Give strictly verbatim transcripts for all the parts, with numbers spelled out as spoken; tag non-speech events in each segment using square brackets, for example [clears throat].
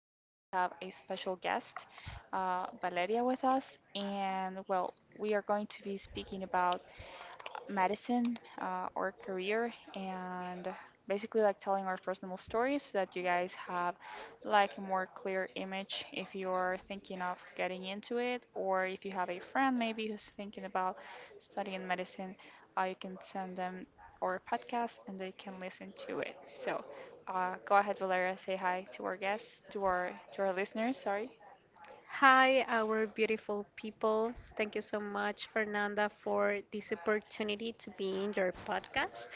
Today we have a special guest, uh, Valeria, with us, and well, we are going to be speaking about medicine uh, or career and basically like telling our personal stories so that you guys have like a more clear image if you're thinking of getting into it or if you have a friend maybe who's thinking about studying medicine uh, you can send them our podcast and they can listen to it, so uh, go ahead, Valeria, say hi to our guests, to our to our listeners, sorry. Hi, our beautiful people. Thank you so much, Fernanda, for this opportunity to be in your podcast.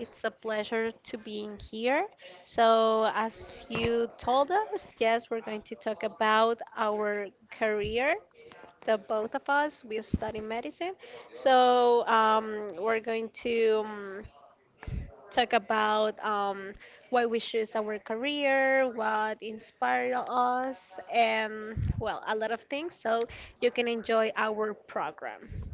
It's a pleasure to being here. So, as you told us, yes, we're going to talk about our career. The both of us, we study medicine. So, um, we're going to. um, talk about um, why we choose our career, what inspired us, and well, a lot of things. So you can enjoy our program.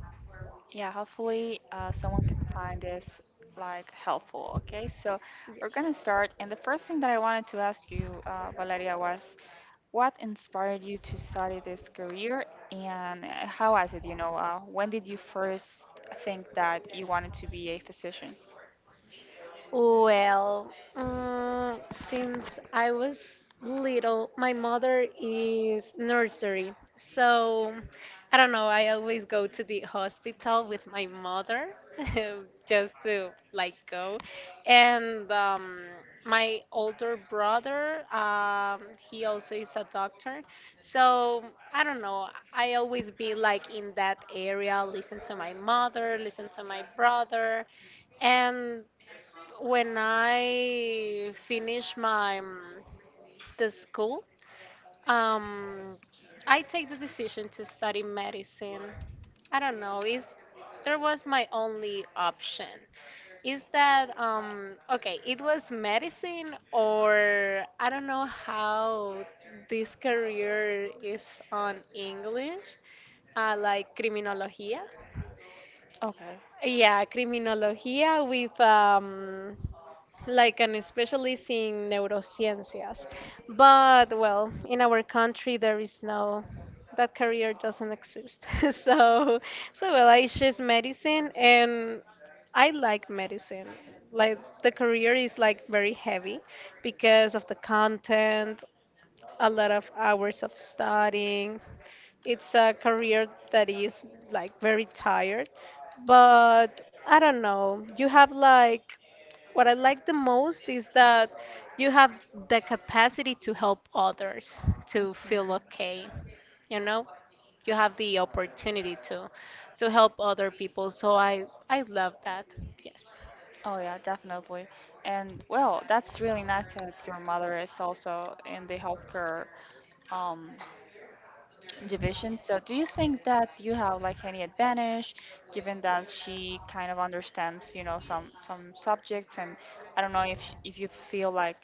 Yeah, hopefully uh, someone can find this like helpful. Okay, so we're gonna Yes. start, and the first thing that I wanted to ask you, uh, Valeria, was what inspired you to study this career, and uh, how was it? You know, uh, when did you first think that you wanted to be a physician? Well, um, since I was little, my mother is nursery. So I don't know, I always go to the hospital with my mother [laughs] just to like go. And um, my older brother, um, he also is a doctor. So I don't know, I always be like in that area, listen to my mother, listen to my brother. And when I finish my um, the school, um, I take the decision to study medicine. I don't know. Is there was my only option? Is that um, okay? It was medicine, or I don't know how this career is on English, uh, like criminologia. Okay. Yeah, criminologia with um, like an specialist in neurosciences. But well, in our country there is no that career doesn't exist. [laughs] so so well, I choose medicine, and I like medicine. Like the career is like very heavy because of the content, a lot of hours of studying. It's a career that is like very tired, but I don't know. You have like what I like the most is that you have the capacity to help others to feel Mhm. okay. You know, you have the opportunity to to help other people. So I I love that. Yes. Oh yeah, definitely. And well, that's really nice that your mother is also in the healthcare um, division. So, do you think that you have like any advantage, given that she kind of understands, you know, some some subjects? And I don't know if if you feel like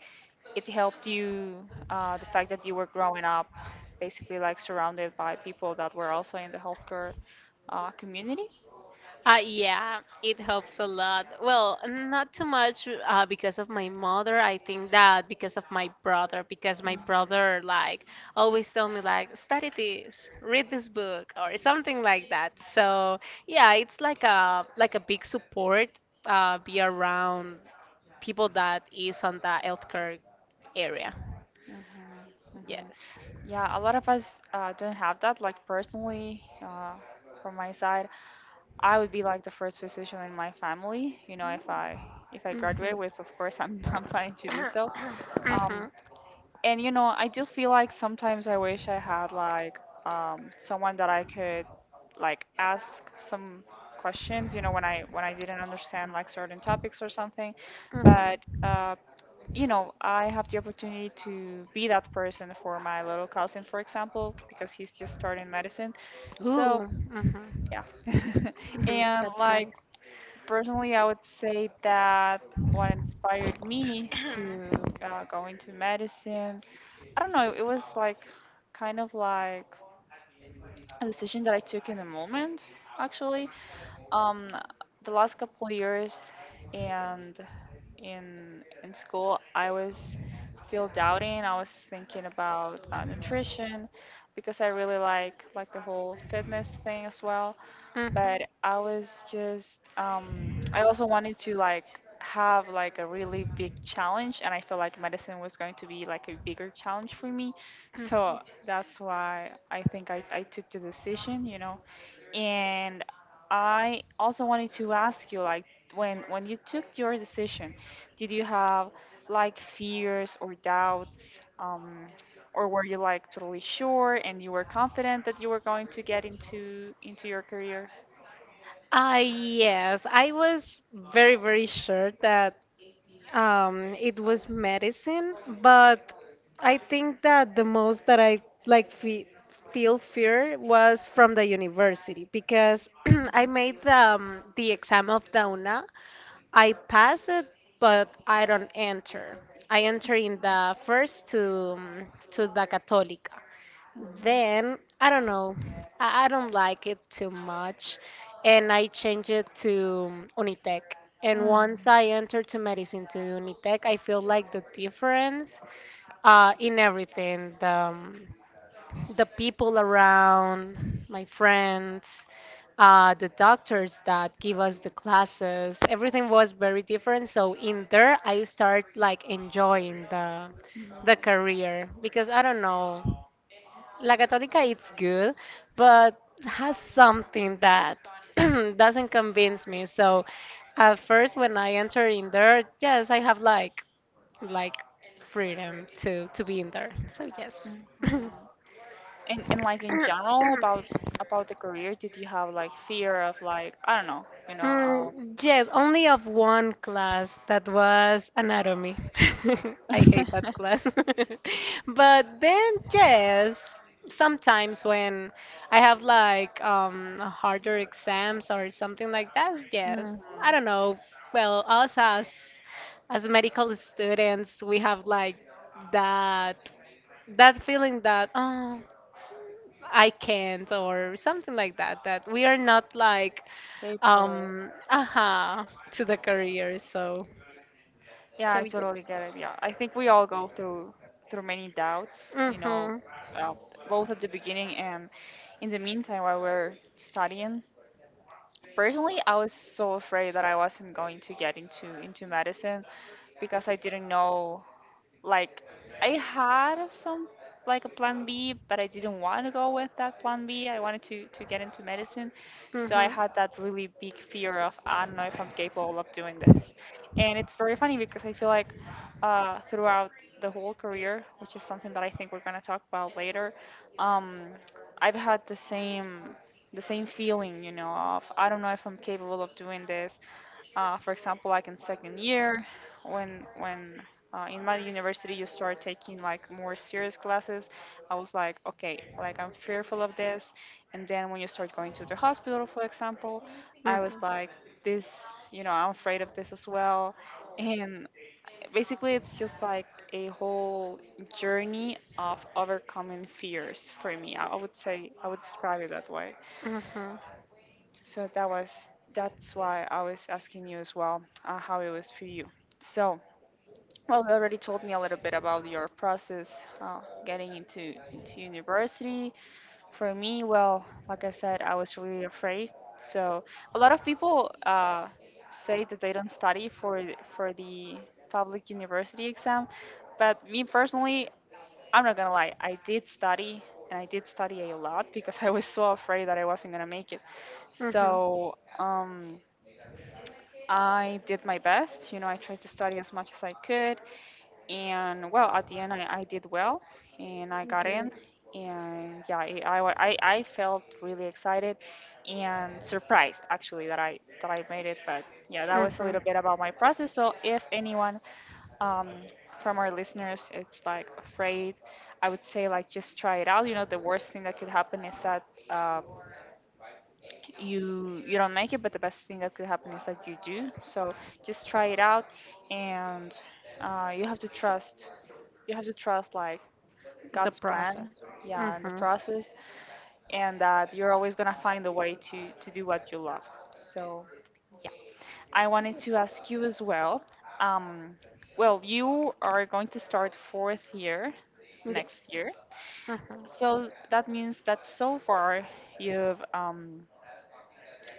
it helped you, uh, the fact that you were growing up, basically like surrounded by people that were also in the healthcare uh, community. Uh, yeah, it helps a lot. Well, not too much uh, because of my mother. I think that because of my brother, because my Mm-hmm, brother like always tell me like study this, read this book, or something like that. So yeah, it's like a like a big support. Uh, be around people that is on the healthcare area. hmm. Yes. Yeah, a lot of us uh, don't have that. Like personally, uh, from my side, I would be like the first physician in my family, you know, if I if I graduate with, Mm-hmm. of course, I'm [laughs] I'm planning to do so. [coughs] Um, Mm-hmm. and you know, I do feel like sometimes I wish I had like um, someone that I could like ask some questions, you know, when I when I didn't understand like certain topics or something. But Mm-hmm. uh, you know, I have the opportunity to be that person for my little cousin, for example, because he's just starting medicine. So Ooh. Mm-hmm. [coughs] yeah. [laughs] Mm-hmm. And That's like. nice. Personally, I would say that what inspired me to uh, go into medicine, I don't know, it was like kind of like a decision that I took in the moment, actually. Um, the last couple of years and in in school, I was still doubting. I was thinking about uh, nutrition because I really like like the whole fitness thing as well, but Mhm, I was just um, I also wanted to like have like a really big challenge, and I felt like medicine was going to be like a bigger challenge for me, mhm. so that's why I think I, I took the decision, you know. And I also wanted to ask you like when when you took your decision, did you have like fears or doubts? Um, or were you like totally sure and you were confident that you were going to get into into your career? Uh, yes, I was very, very sure that um, it was medicine, but I think that the most that I like fe feel fear was from the university because [clears throat] I made the, um, the exam of the U N A. I pass it, but I don't enter. I enter in the first to um, to the Católica. Mhm, Then I don't know. I, I don't like it too much, and I changed it to Unitec. And once I entered to medicine to Unitec, I feel like the difference uh, in everything, the um, the people around, my friends, uh, the doctors that give us the classes. Everything was very different. So in there, I start like enjoying the the mhm, career because I don't know. La Católica it's good, but has something that [clears throat] doesn't convince me. So at first when I enter in there, yes, I have like like freedom to to be in there. So yes. mhm. [laughs] And and like in general about about the career, did you have like fear of like I don't know, you know, um, Mm, yes, only of one class that was anatomy. [laughs] I hate that [laughs] class. [laughs] But then, yes, sometimes when I have like um, harder exams or something like that, yes. I mhm, don't know. Well, us as as medical students, we have like that that feeling that, oh, I can't or something like that. That we are not like people. um aha to the career. So Yeah, so I totally yes. get it. Yeah, I think we all go through through many doubts, you know, Mhm. uh, both at the beginning and in the meantime while we're studying. Personally, I was so afraid that I wasn't going to get into into medicine because I didn't know. Like, I had some like a plan B, but I didn't want to go with that plan B. I wanted to to get into medicine. So I Mhm. had that really big fear of I don't know if I'm capable of doing this. And it's very funny because I feel like uh, throughout the whole career, which is something that I think we're going to talk about later, um, I've had the same the same feeling, you know, of I don't know if I'm capable of doing this. Uh, for example, like in second year, when when uh, in my university you start taking like more serious classes. I was like, okay, like I'm fearful of this, and then when you start going to the hospital, for example, I was Mhm. like, this, you know, I'm afraid of this as well. And basically it's just like a whole journey of overcoming fears for me. I I would say I would describe it that way. Mhm. So that was that's why I was asking you as well, uh, how it was for you. So, well, you already told me a little bit about your process uh, getting into into university. For me, well, like I said, I was really afraid. So a lot of people uh, say that they don't study for for the public university exam, but me personally, I'm not gonna lie, I did study and I did study a lot because [laughs] I was so afraid that I wasn't gonna make it. Mhm. So um, I did my best. You know, I tried to study as much as I could, and well, at the end I, I did well and I got in, Good. and yeah, it, I, wa- I I felt really excited and surprised, actually, that I that I made it. But yeah, that was a Mhm. little bit about my process, so if anyone, um, from our listeners, it's like afraid, I would say like just try it out. You know, the worst thing that could happen is that uh, you you don't make it, but the best thing that could happen is that you do. So just try it out, and uh, you have to trust you have to trust like The God's plan, process. yeah, and the Mhm. process, and that you're always gonna find a way to to do what you love. So yeah, I wanted to ask you as well. Um, well, you are going to start fourth year next Yes. year, Mhm. so that means that so far you've um,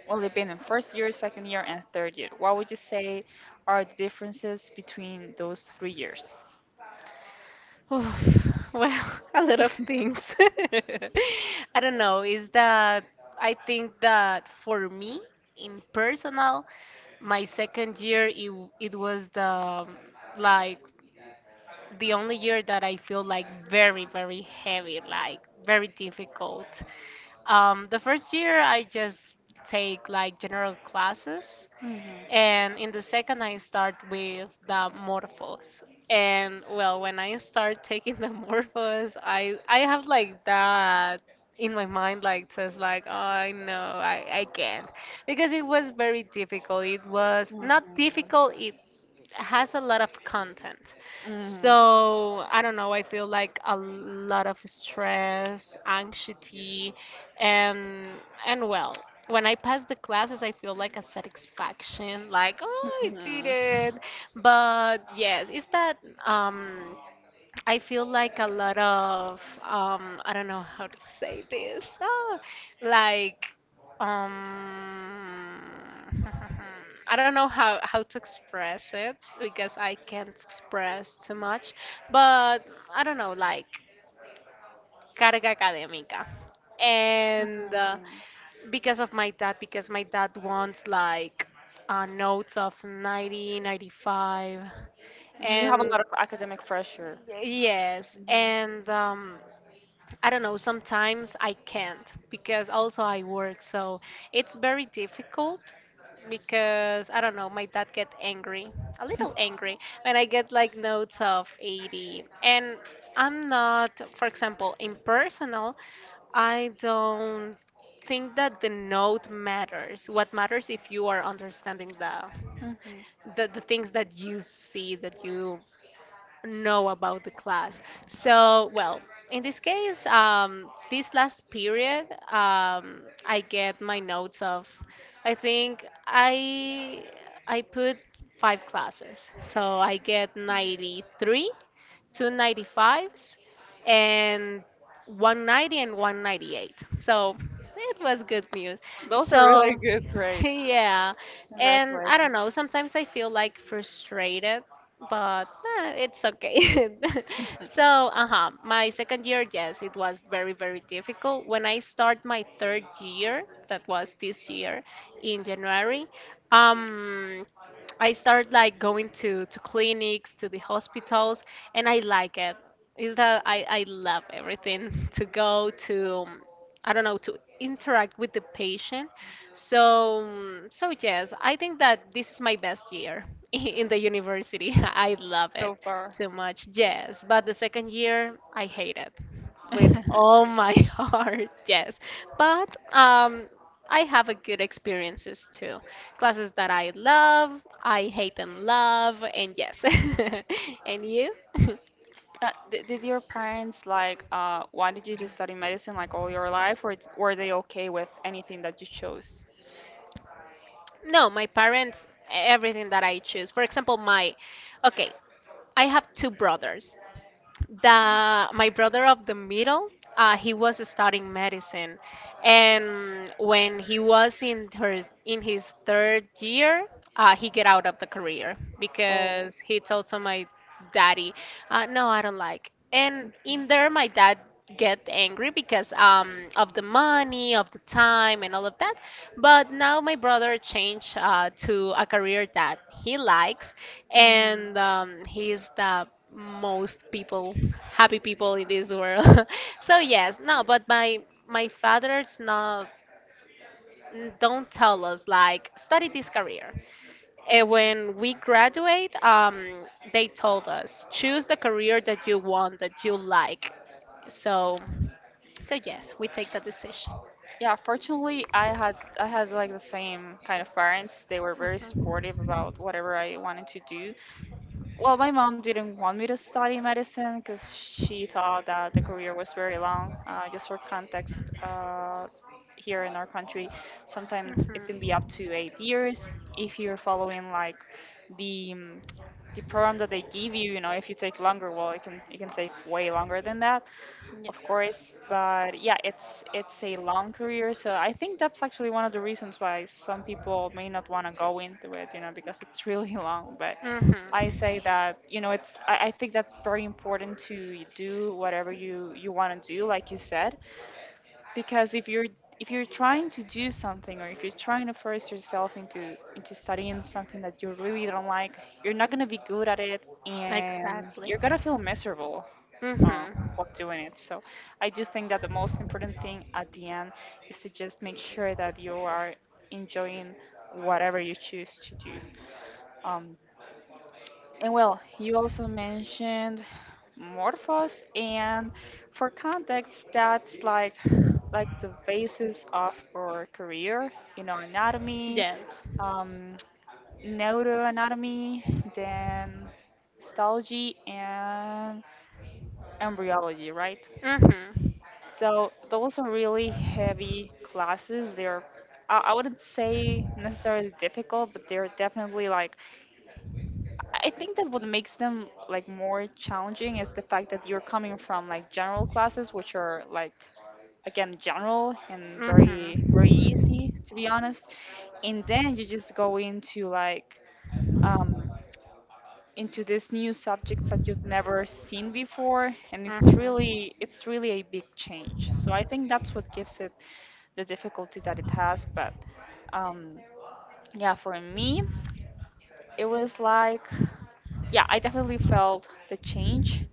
well, you've been in first year, second year, and third year. What would you say are the differences between those three years? [sighs] Oh, [laughs] well, [laughs] a lot of things. [laughs] I don't know. Is that I think that for me, in personal, my second year it, w- it was the um, like the only year that I feel like very, very heavy, like very difficult. Um, the first year I just take like general classes, Hmm, and in the second, I start with the Morphos. And well, when I start taking the [laughs] Morphos, I I have like that in my mind, like says like, oh, I know, I I can't, because it was very difficult. It was not difficult. It has a lot of content. hmm, So I don't know, I feel like a lot of stress, anxiety, and and well, when I pass the classes, I feel like a satisfaction, like, oh, I did hmm. it. But yes, it's that um, I feel like a lot of um I don't know how to say this. Ah, like um [laughs] I don't know how how to express it because I can't express too much, but I don't know like carga académica. And uh, Mhm. because of my dad, because my dad wants like uh, notes of ninety, ninety five, Mhm. You have a and lot of academic pressure. yes, Mhm. and um I don't know, sometimes I can't because also I work, so it's very difficult because I don't know, my dad get angry, a little Mhm. angry when I get like notes of eighty. And I'm not, for example, in personal, I don't think that the note matters. What matters if you are understanding the [laughs] the, the things that you see that you know about the class. So, well, in this case, um, this last period, um, I get my notes of, I think I I put five classes, so I get ninety-three, two ninety-fives, and one ninety and one ninety-eight. So it was good news. Those are So really good [laughs] grades. yeah, and I don't Congratulations. know. Sometimes I feel like frustrated, but eh, it's okay. [laughs] So, [laughs] uh-huh, my second year, yes, it was very, very difficult. When I start my third year, that was this year in January, um, I start like going to to clinics, to the hospitals, and I like it. Is that I I love everything [laughs] to go to. um, I don't know, to interact with the patient. So, mm, so yes, I think that this is my best year [laughs] in the university. [laughs] I love it So far. too much. Yes, but the second year I hate it with all [laughs] my [laughs] heart. Yes, but um, I have a good experiences too. Classes that I love, I hate and love, and yes. [laughs] And you? [laughs] Uh, did, did your parents like uh, wanted you to study medicine like all your life, or it's- were they okay with anything that you chose? No, my parents, everything that I choose. For example, my, okay, I have two brothers. The my brother of the middle, uh, he was studying medicine, and when he was in her in his third year, uh, he get out of the career Oh. because he told to my daddy, uh, no, I don't like, and Mhm. in there my dad get angry because um, of the money, of the time, and all of that. But now my brother changed uh, to a career that he likes, Mhm. Mhm. and um, he's the most people, happy people in this world. [laughs] So yes, no, but my my father's not don't tell us like study this career. And when we graduate, um, they told us choose the career that you want, that you like. So, so yes, we take that decision. Yeah, fortunately, I had I had like the same kind of parents. They were very Mhm. supportive about whatever I wanted to do. Well, my mom didn't want me to study medicine because she thought that the career was very long. Uh, just for context, uh, here in our country, sometimes it can be Mhm. up to eight years if you're following like the um, the program that they give you. You know, if you take longer, well, it can it can take way longer than that, of Yes. course. But yeah, it's it's a long career, so I think that's actually one of the reasons why some people may not want to go into it, you know, because it's really [laughs] long. But Mhm. I say that you know, it's I, I think that's very important to do whatever you you want to do, like you said, because if you're if you're trying to do something or if you're trying to force yourself into into studying something that you really don't like. You're not going to be good at it, and Exactly. you're going to feel miserable Mhm. uh, while doing it. So I do think that the most important thing at the end is to just make sure that you are enjoying whatever you choose to do. Um, and well, you also mentioned Morphos, and for context, that's like like the basis of our career, you know, anatomy, Yes. um, neuroanatomy, then histology and embryology, right? Mhm. So those are really heavy classes. They're I I wouldn't say necessarily difficult, but they're definitely like I think that what makes them like more challenging is the fact that you're coming from like general classes, which are like again general and very Mhm. very easy, to be honest, and then you just go into like um, into these new subjects that you've never seen before, and it's Mhm. really it's really a big change. So I think that's what gives it the difficulty that it has, but. Um, yeah, for me, it was like, yeah, I definitely felt the change,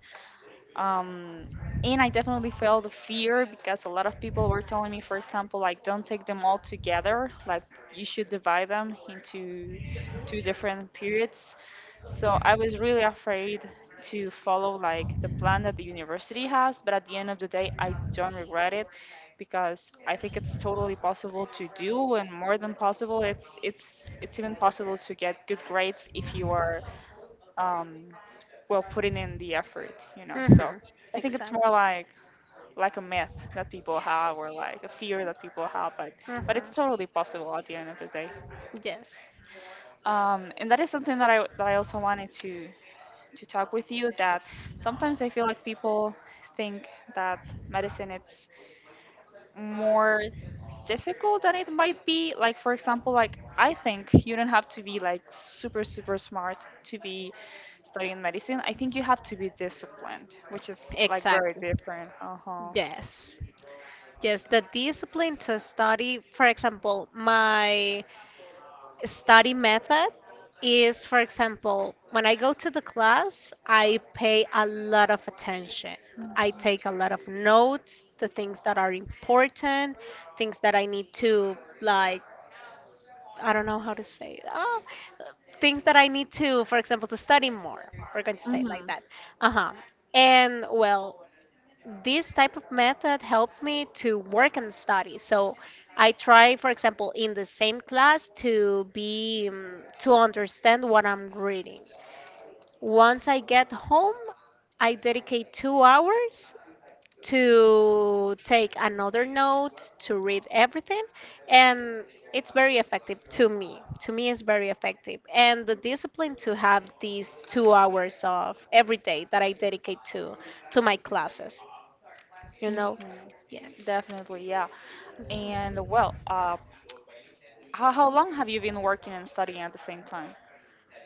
um, and I definitely felt the fear because a lot of people were telling me, for example, like don't take them all together, like you should divide them into two different periods. So I was really afraid to follow like the plan that the university has, but at the end of the day, I don't regret it because I think it's totally possible to do, and more than possible, it's it's it's even possible to get good grades if you are um, well putting in the effort you know so Mm-hmm. i think it's more Exactly. like like a myth that people have or like a fear that people have but but it's Mm-hmm. totally possible at the end of the day. Yes. Um, and that is something that i that i also wanted to to talk with you that sometimes i feel like people think that medicine it's more difficult than it might be. Like for example, like I think you don't have to be like super super smart to be studying medicine. I think you have to be disciplined, which is like very Exactly. different. Uh huh. Yes. Yes, the discipline to study, for example, my study method is, for example, when I go to the class, I pay a lot of attention. I take a lot of notes, the things that are important, things that I need to like I don't know how to say it. Oh, things that I need to, for example, to study more. We're going to say it like Mhm. that. Uh huh. And well, this type of method helped me to work and study. So I try, for example, in the same class to be um, to understand what I'm reading. Once I get home, I dedicate two hours to take another note, to read everything, and it's very effective to me. To me, it's very effective. And the discipline to have these two hours of every day that I dedicate to to my classes. You know, Mhm. yes. Definitely, yeah. And well, uh, how how long have you been working and studying at the same time?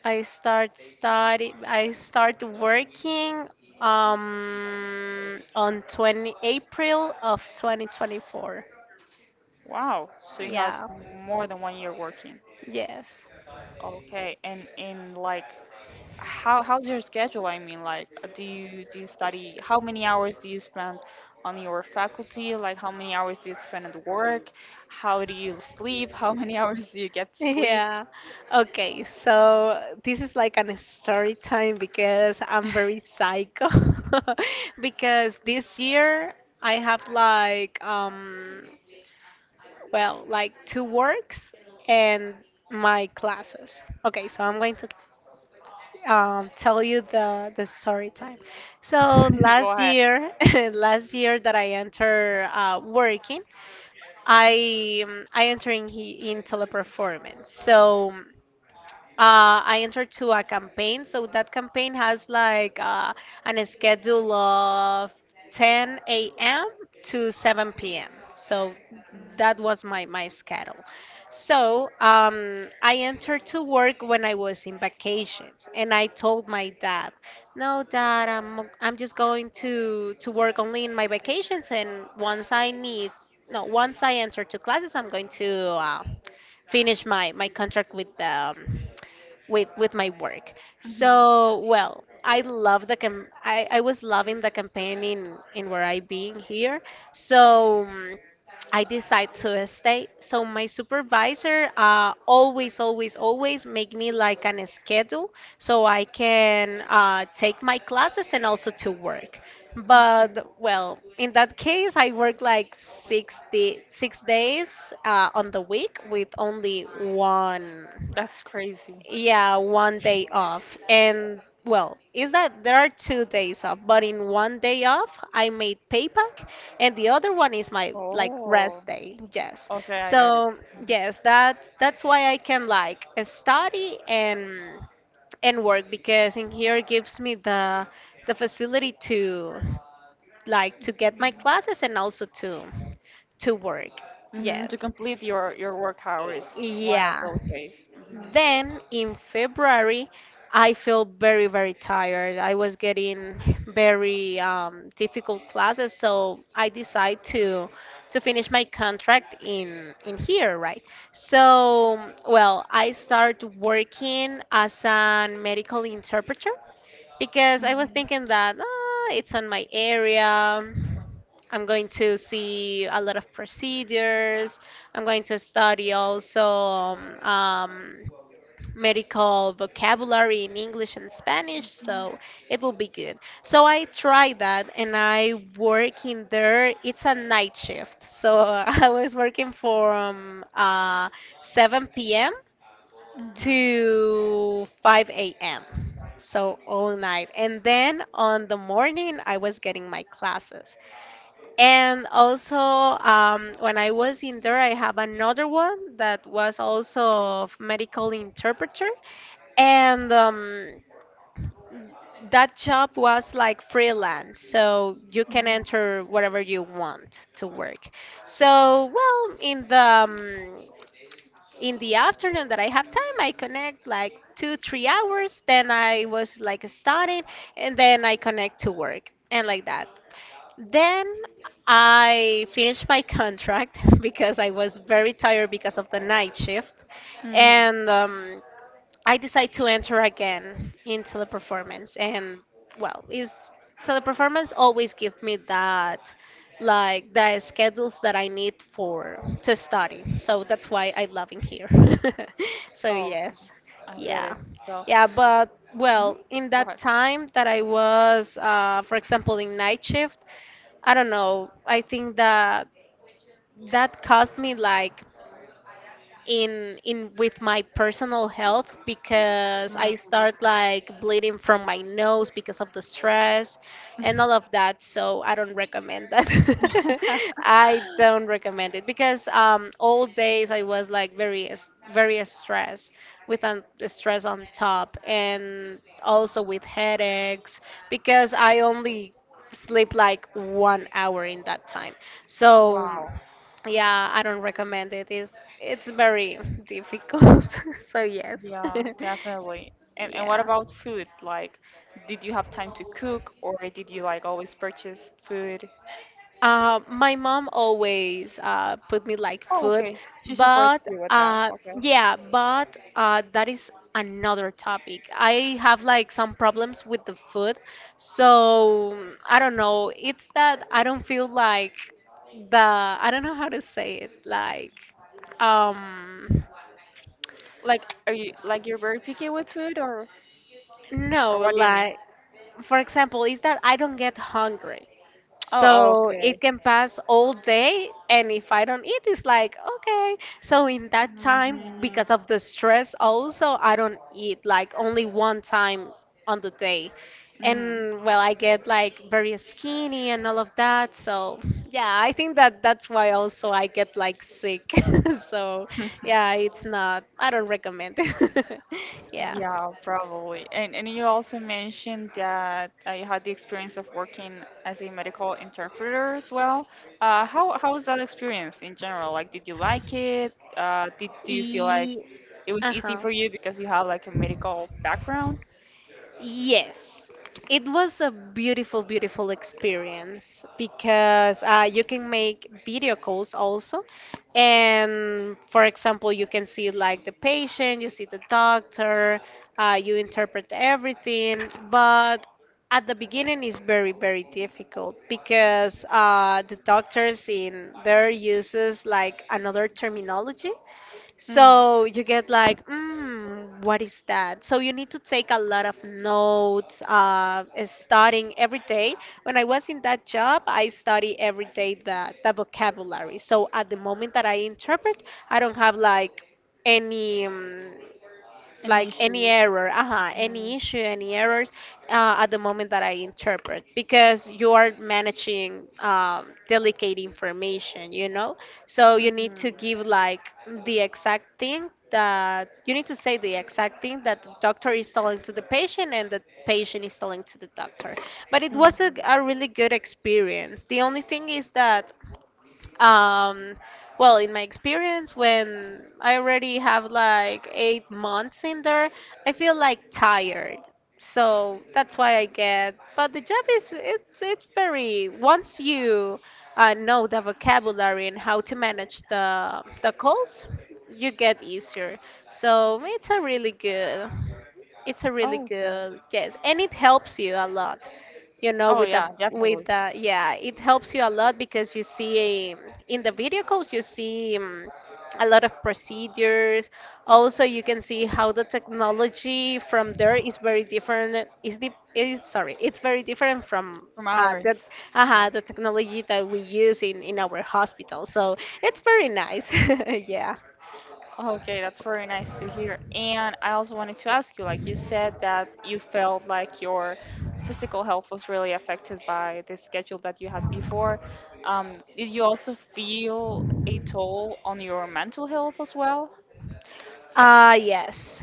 I start study. I start working um on April twentieth of twenty twenty-four. Wow. So you have Yeah. more than one year working. Yes. Okay. And in like how how's your schedule? I mean, like, uh, do you do you study? How many hours do you spend on your faculty? Like, how many hours do you spend at work? How do you sleep? How many [laughs] hours do you get to sleep? Yeah. Okay, so this is like an story time because I'm very psycho. [laughs] Because this year I have like um well, like two works and my classes. Okay, so I'm going to um tell you the the story time. So [laughs] Go last ahead. year, [laughs] last year that I enter uh working, I um, I enter in, he- in teleperformance. So uh, I entered to a campaign. So that campaign has like uh, an schedule of ten a m to seven p m. So that was my, my schedule. So um, I entered to work when I was in vacations, and I told my dad, "No, Dad, I'm I'm just going to to work only in my vacations, and once I need, no, once I enter to classes, I'm going to uh, finish my my contract with them," with with my work. Hmm. So, well, I love the cam I, I was loving the campaign in in where I being here. So, mm, I decide to stay. So my supervisor uh, always, always, always make me like an schedule so I can uh, take my classes and also to work. But well, in that case, I work like sixty six days uh, on the week with only one, That's crazy. yeah, one day off. And well, is that there are two days off, but in one day off, I made payback, and the other one is my like Oh, rest day. Yes. okay, I got it. So yes, that that's why I can like study and and work because in here gives me the the facility to like to get my classes and also to to work. Hmm. To Yes. complete your your work hours Y- one of Yeah those days. then in February, I felt very, very tired. I was getting very um, difficult classes, so I decided to to finish my contract in in here, right? So, well, I started working as an medical interpreter because I was Hmm. thinking that ah, it's on my area. I'm going to see a lot of procedures. I'm going to study also um, medical vocabulary in English and Spanish, Hmm. so it will be good. So I tried that and I work in there. It's a night shift. So [laughs] I was working from uh, seven p m Hmm. to five a m. So all night. And then on the morning, I was getting my classes. And also, um, when I was in there, I have another one that was also of medical interpreter. And um, that job was like freelance, so you can enter whatever you want to work. So, well, in the um, in the afternoon that I have time, I connect like two, three hours. Then I was like studying, and then I connect to work and like that. Then I finished my contract [laughs] because I was very tired because of the night shift, Hmm. Hmm. and um, I decide to enter again in teleperformance, and well, is teleperformance always give me that, like the schedules that I need for to study. So that's why I love in here. [laughs] So Oh, okay, yes, I get it. yeah, So, yeah. But mhm, well, in go that ahead. time that I was, uh, for example, in night shift, I don't know. I think that that cost me like in in with my personal health because I Mm. start like bleeding from my nose because of the stress and all of that. So I don't recommend that. [laughs] [laughs] I don't recommend it because um, all days I was like very s- very stressed with an, the stress on top and also with headaches because I only sleep like one hour in that time. So. Wow. Yeah, I don't recommend it. It's it's very [laughs] difficult. [laughs] So yes. Yeah, [laughs] definitely. And and what Yeah. about food? Like, did you have time to cook or did you like always purchase food? Uh, my mom always uh, put me like Oh, food, okay. She supports but you with that. uh, Okay. yeah, but uh, that is another topic. I have like some problems with the food, so I don't know. It's that I don't feel like the I don't know how to say it. Like, um, Like, are you like you're very picky with food or or no, what do you mean? like for example, is that I don't get hungry. Oh, So okay. it can pass all day, and if I don't eat, it's like, okay. So in that time, Hmm. because of the stress, also, I don't eat like only one time on the day. Hmm. And well, I get like very skinny and all of that. So yeah, I think that that's why also I get like sick. [laughs] So [laughs] yeah, it's not, I don't recommend it. [laughs] Yeah. Yeah, probably. And and you also mentioned that uh, you had the experience of working as a medical interpreter as well. Uh, how how was that experience in general? Like, did you like it? Uh, did do you feel like E- it was easy uh-huh. for you because you have like a medical background? Yes, it was a beautiful, beautiful experience because uh, you can make video calls also. And for example, you can see like the patient, you see the doctor, uh, you interpret everything. But at the beginning, it's very, very difficult because uh, the doctors in their uses like another terminology Mm. so you get like, mm, what is that? So you need to take a lot of notes, uh, studying every day. When I was in that job, I study every day the, the vocabulary. So at the moment that I interpret, I don't have like any. Um, Any like any issues? error, uh Mm. any issue, any errors uh, at the moment that I interpret because you are managing um, delicate information, you know? So you need to Hmm. give like the exact thing that you need to say the exact thing that the doctor is telling to the patient and the patient is telling to the doctor. But it was a, a really good experience. The only thing is that um, well, in my experience, when I already have like eight months in there, I feel like tired. So that's why I get. But the job is it's it's very once you uh, know the vocabulary and how to manage the the calls, you get easier. So it's a really good. It's a really Oh, okay. good, yes, and it helps you a lot. You know, Oh with the yeah, with definitely. the yeah, it helps you a lot because you see um, in the video calls you see um, a lot of procedures. Also, you can see how the technology from there is very different. Is the is sorry, it's very different from. From Uh, the, ours. uh, the technology that we use in, in our hospital. So it's very nice. [laughs] Yeah. Okay, that's very nice to hear. And I also wanted to ask you, like you said that you felt like your physical health was really affected by the schedule that you had before. Um, did you also feel a toll on your mental health as well? Uh yes.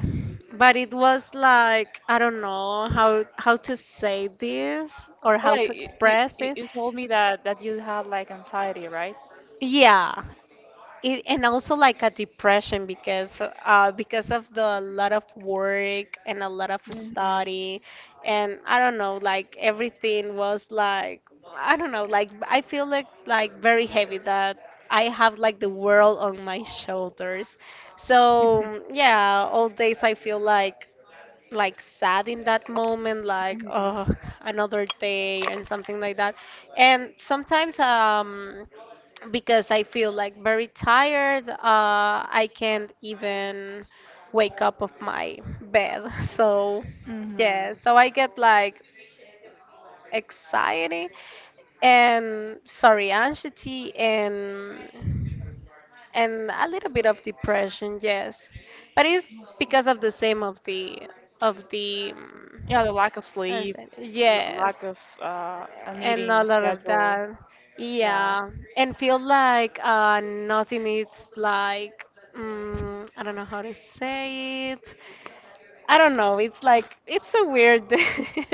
But it was like I don't know how how to say this or Oh how yeah, to you, you, express you it. you told me that that you had like anxiety, right? Yeah. It, and also like a depression because uh because of the lot of work and a lot of Hmm. study and I don't know like everything was like I don't know like I feel like like very heavy that I have like the world on my shoulders. So yeah, all days I feel like like sad in that moment, like Mhm, oh, another day and something like that. And sometimes, um, because I feel like very tired, uh, I can't even wake up of my bed. [laughs] So mhm. yeah, so I get like anxiety and sorry, anxiety and and a little bit of depression. Yes, but it's because of the same of the of the. mm, Yeah, the lack of I sleep, said, l- lack yes, of uh, an and eating a lot of schedule. that. Yeah, Yeah, and feel like uh, nothing is like, mm, I don't know how to say it. I don't know. It's like, it's a weird, [laughs]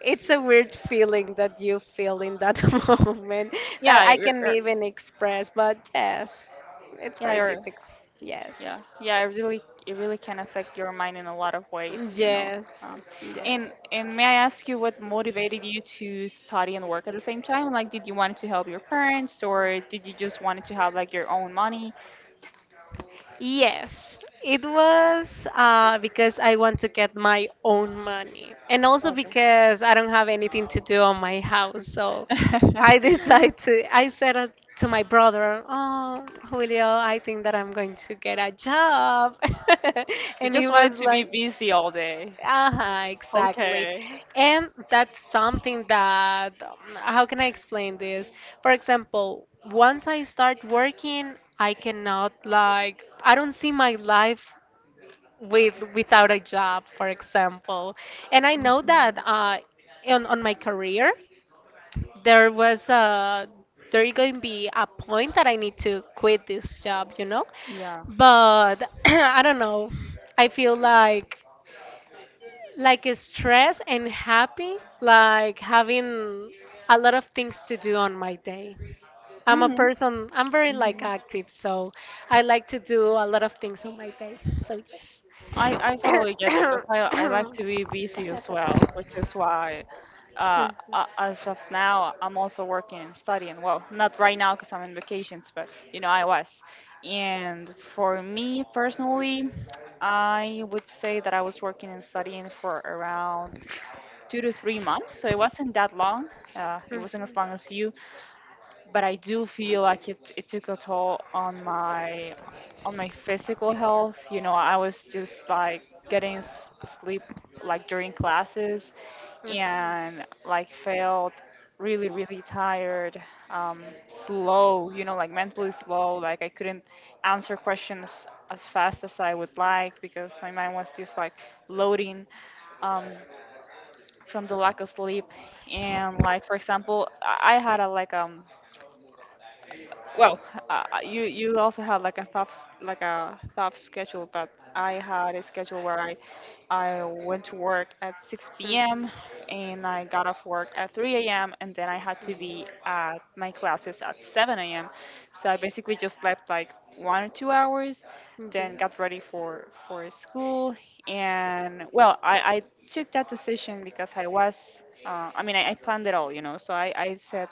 it's a weird feeling that you feel in that [laughs] moment that yeah, I you're, can you're- even express. But yes, it's yeah. very You're difficult. Yeah, Yes, yeah, it really it really can affect your mind in a lot of ways, you know. yes, Um, and yes. and may I ask you what motivated you to study and work at the same time? Like, did you want to help your parents, or did you just wanted to have like your own money? Yes, it was uh, because I want to get my own money, and also because I don't have anything to do on my house. So I [laughs] Okay. decided [laughs] to. I said uh, to my brother, "Oh, Julio, I think that I'm going to get a job," [laughs] You and he just wanted was to be like. busy all day. Uh-huh, exactly. Okay. And that's something that, um, how can I explain this? For example, once I start working, I cannot like, I don't see my life with without a job, for example. And I know that Mhm. uh, on, on my career, there was a, there going to be a point that I need to quit this job, you know? Yeah. But [clears throat] I don't know. I feel like like stress and happy, like having a lot of things to do on my day. I'm a Mhm. person, I'm very like active, so I like to do a lot of things on my day. So yes. I, I totally get you because I, I like to be busy as well, which is why, uh, Mhm, a- as of now, I'm also working and studying. Well, not right now because I'm on vacations, but you know, I was. And for me personally, I would say that I was working and studying for around two to three months. So it wasn't that long. Uh, it wasn't as mhm, long as you, but I do feel like it it took a toll on my on my physical health. You know, I was just like getting s- sleep like during classes mhm, and like felt really really tired, um slow, you know, like mentally slow, like i couldn't answer questions as fast as I would like because my mind was just like loading. um from the lack of sleep and like for example i I had a like um well, uh, uh, you you also had like a tough s- like a tough schedule, but I had a schedule where I I went to work at six p m mhm. and I got off work at three a m and then I had to be at my classes at seven a m. So I basically just slept like one or two hours, Yeah. then got ready for for school. And well, I I took that decision because I was uh, I mean I, I planned it all, you know, so I I said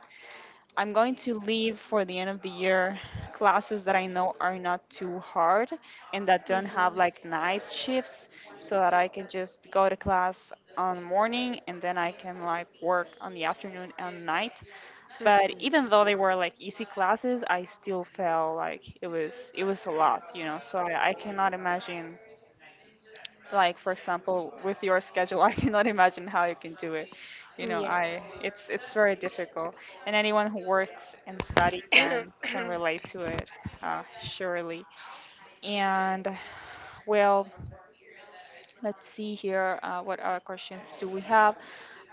I'm going to leave for the end of the year classes that I know are not too hard and that don't have Mhm, like night shifts, so that I can just go to class on the morning and then I can like work on the afternoon and night. But even mhm. though they were like easy classes, I still felt like it was it was a lot, you know. So I, I cannot imagine like for example with your schedule [laughs] i cannot imagine how you can do it, you know. I Yes. It's it's very difficult, and anyone who works and study can can relate to it, uh, surely. And well, let's see here, uh, what other questions do we have.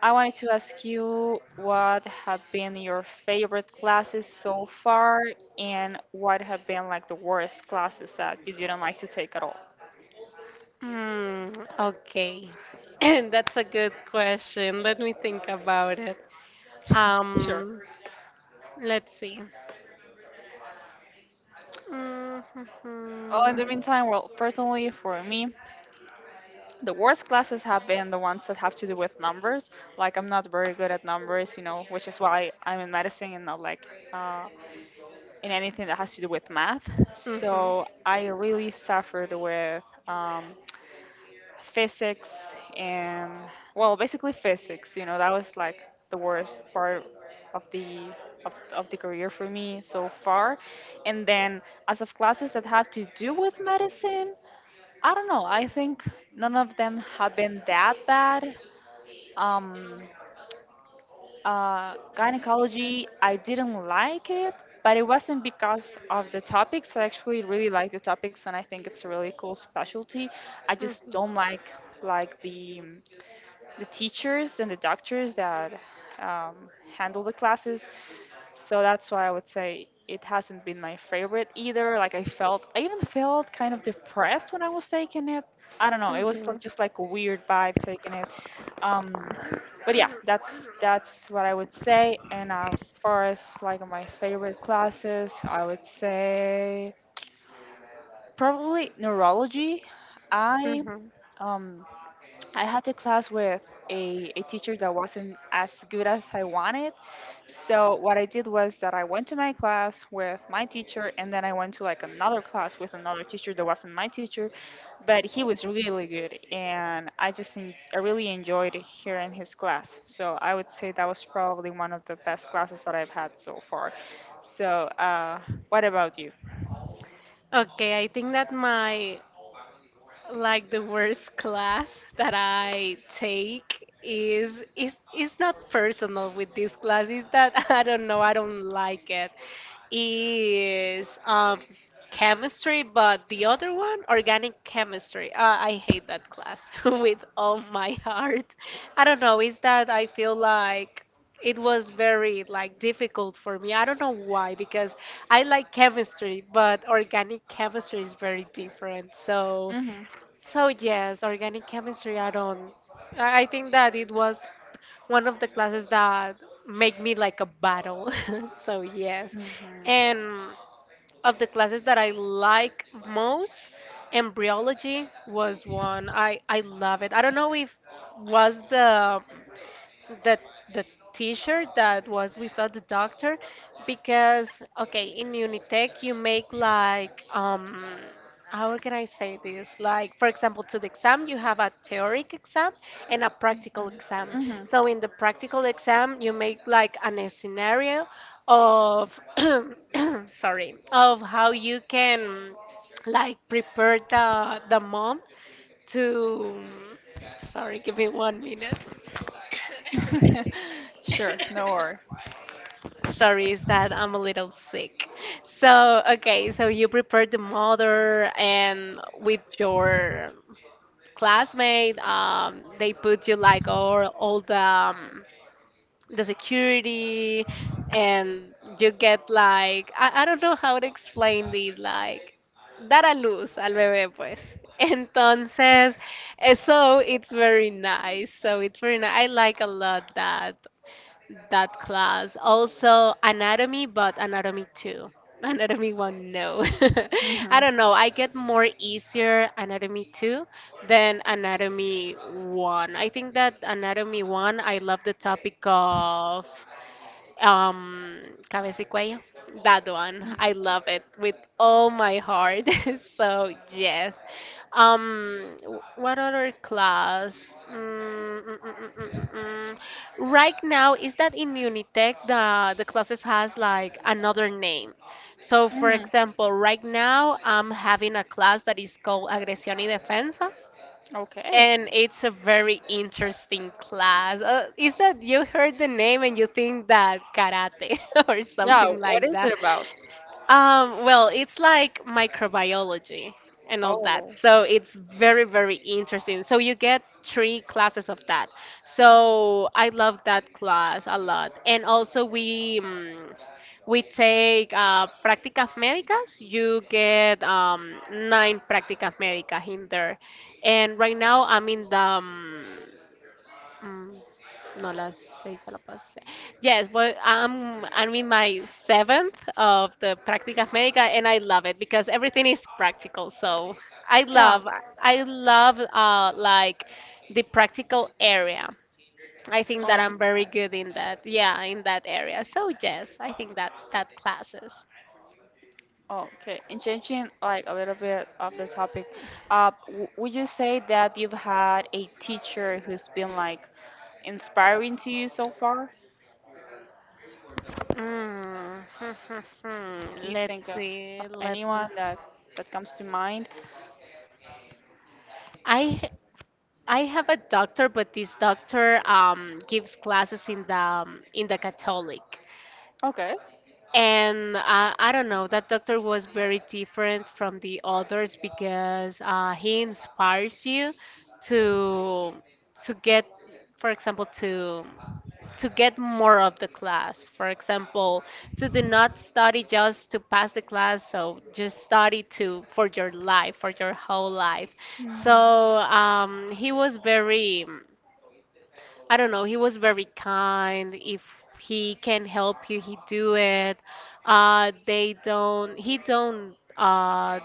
I wanted to ask you what have been your favorite classes so far, and what have been like the worst classes that you didn't like to take at all. Mm, okay. [laughs] [clears throat] That's a good question. Let me think about it. Sure. Um, let's see. Well, in the Mm-hmm. meantime, well, personally for me, the worst classes have been the ones that have to do with numbers. Like I'm not very good at numbers, you know, which is why I'm in medicine and not like uh, in anything that has to do with math. Mm-hmm. So I really suffered with um, physics and well, basically physics. You know, that was like the worst part of the of, of the career for me so far. And then as of classes that had to do with medicine. I don't know. I think none of them have been that bad. Um, uh, gynecology, I didn't like it, but it wasn't because of the topics. I actually really like the topics, and I think it's a really cool specialty. I just Mhm. don't like like the the teachers and the doctors that um, handle the classes. So that's why I would say it hasn't been my favorite either. Like I felt, I even felt kind of depressed when I was taking it. I don't know. It was Mhm. like- just like a weird vibe taking it. Um, but yeah, that's that's what I would say. And as far as like my favorite classes, I would say probably neurology. I Mhm. um I had a class with a, a teacher that wasn't as good as I wanted. So what I did was that I went to my class with my teacher and then I went to like another class with another teacher that wasn't my teacher, but he was really really good and I just en- I really enjoyed hearing his class. So I would say that was probably one of the best classes that I've had so far. So uh, what about you? Okay, I think that my like the worst class that I take is is is not personal with this class. Is that [laughs] I don't know. I don't like it. Is um chemistry, but the other one, organic chemistry. Uh, I hate that class [laughs] with all my heart. I don't know. Is that I feel like it was very like difficult for me. I don't know why because I like chemistry, but organic chemistry is very different. So Mhm. so yes, organic chemistry, I don't I I think that it was one of the classes that made me like a battle. [laughs] So yes. Mhm. And of the classes that I like most, embryology was one. I I love it. I don't know if was the the the teacher that was without the doctor because okay in Unitec you make like um how can I say this? Like, for example, to the exam, you have a theoric exam and a practical exam. Mhm. So, in the practical exam, you make like an scenario of, [clears throat] sorry, of how you can like prepare the the mom to, sorry, give me one minute. [laughs] Sure, no worry. Sorry, is that I'm a little sick. So, okay, so you prepared the mother and with your classmate, um, they put you like all, all the, um, the security and you get like, I, I don't know how to explain it, like dar a luz al bebé, pues. [laughs] Entonces, eh, so it's very nice. So it's very nice. I like a lot that that class. Also anatomy, but anatomy two. [laughs] Anatomy one, no. [laughs] I Mhm. don't know. I get more easier anatomy two than anatomy one. I think that anatomy one, I love the topic of um, Cabeza y Cuello, that one. I love it with all my heart. [laughs] So, yes. Um, w- what other class? Mm, mm, mm, mm, mm, mm, mm. Right now, is that in Unitec the the classes has like another name? So, for Hmm. example, right now I'm having a class that is called Agresión y Defensa. Okay. And it's a very interesting class. Uh, is that you heard the name and you think that karate [laughs] or Yeah, something what like is that? it about? Um, well, it's like microbiology and all that. Oh, So it's very, very interesting. So you get three classes of that. So I love that class a lot. And also we um, we take uh, prácticas médicas. You get um, nine prácticas médicas in there. And right now I'm in the um, no, las seis a la past se- Yes, but I'm I'm in my seventh of the Prácticas Médicas, and I love it because everything is practical. So I yeah. love I love uh like the practical area. I think that Oh, I'm very good in that. Yeah, in that area. So yes, I think that that classes. uh, okay. And changing like a little bit of the topic, uh, w would you say that you've had a teacher who's been like inspiring to you so far? Mm, Can [laughs] you Let's think of, see. of Let me. anyone that that comes to mind? I I have a doctor, but this doctor um, gives classes in the um, in the Catholic, Okay. and uh, I don't know. That doctor was very different from the others because uh, he inspires you to to get, for example, to to get more of the class. For example, to do not study just to pass the class, so just study to for your life, for your whole life. So Mm-hmm. um, he was very I don't know, he was very kind. If he can help you, he do it. Uh, they don't, he don't uh,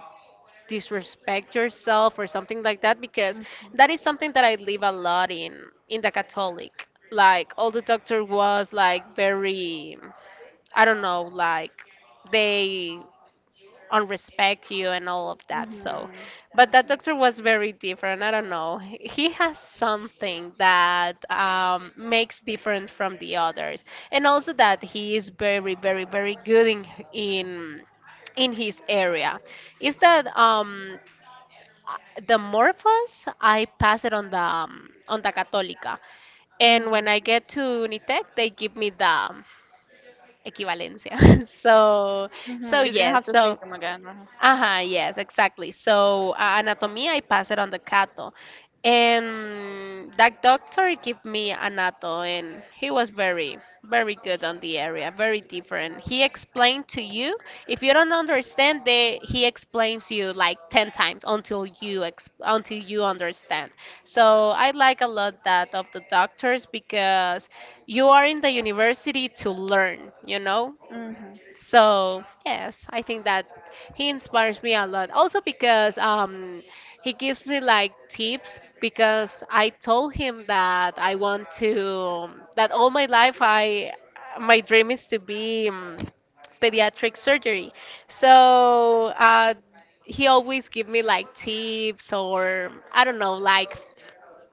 disrespect yourself or something like that because that is something that I live a lot in in the Catholic. Like all the doctor was like very, I don't know, like they on respect you and all of that. So, Mm-hmm. but that doctor was very different. I don't know. He has something that um, makes different from the others, and also that he is very, very, very good in in in his area. Is that um, the Morphos? I pass it on the um, on the Católica. And when Mm-hmm. I get to Unitec, they give me the um, equivalencia. [laughs] so, so Mm-hmm. You didn't yes. have to so. take them again, huh? Uh-huh, yes, exactly. So, uh, anatomy, I passed it on the Cato. And that doctor gave me anato, and he was very, very good on the area, very different. He explained to you, if you don't understand, they, he explains you like ten times until you ex until you understand. So I like a lot that of the doctors because you are in the university to learn, you know? Uh. So yes, I think that he inspires me a lot. Also because um, he gives me like tips because I told him that I want to that all my life I my dream is to be um, pediatric surgery. So uh, he always give me like tips or I don't know like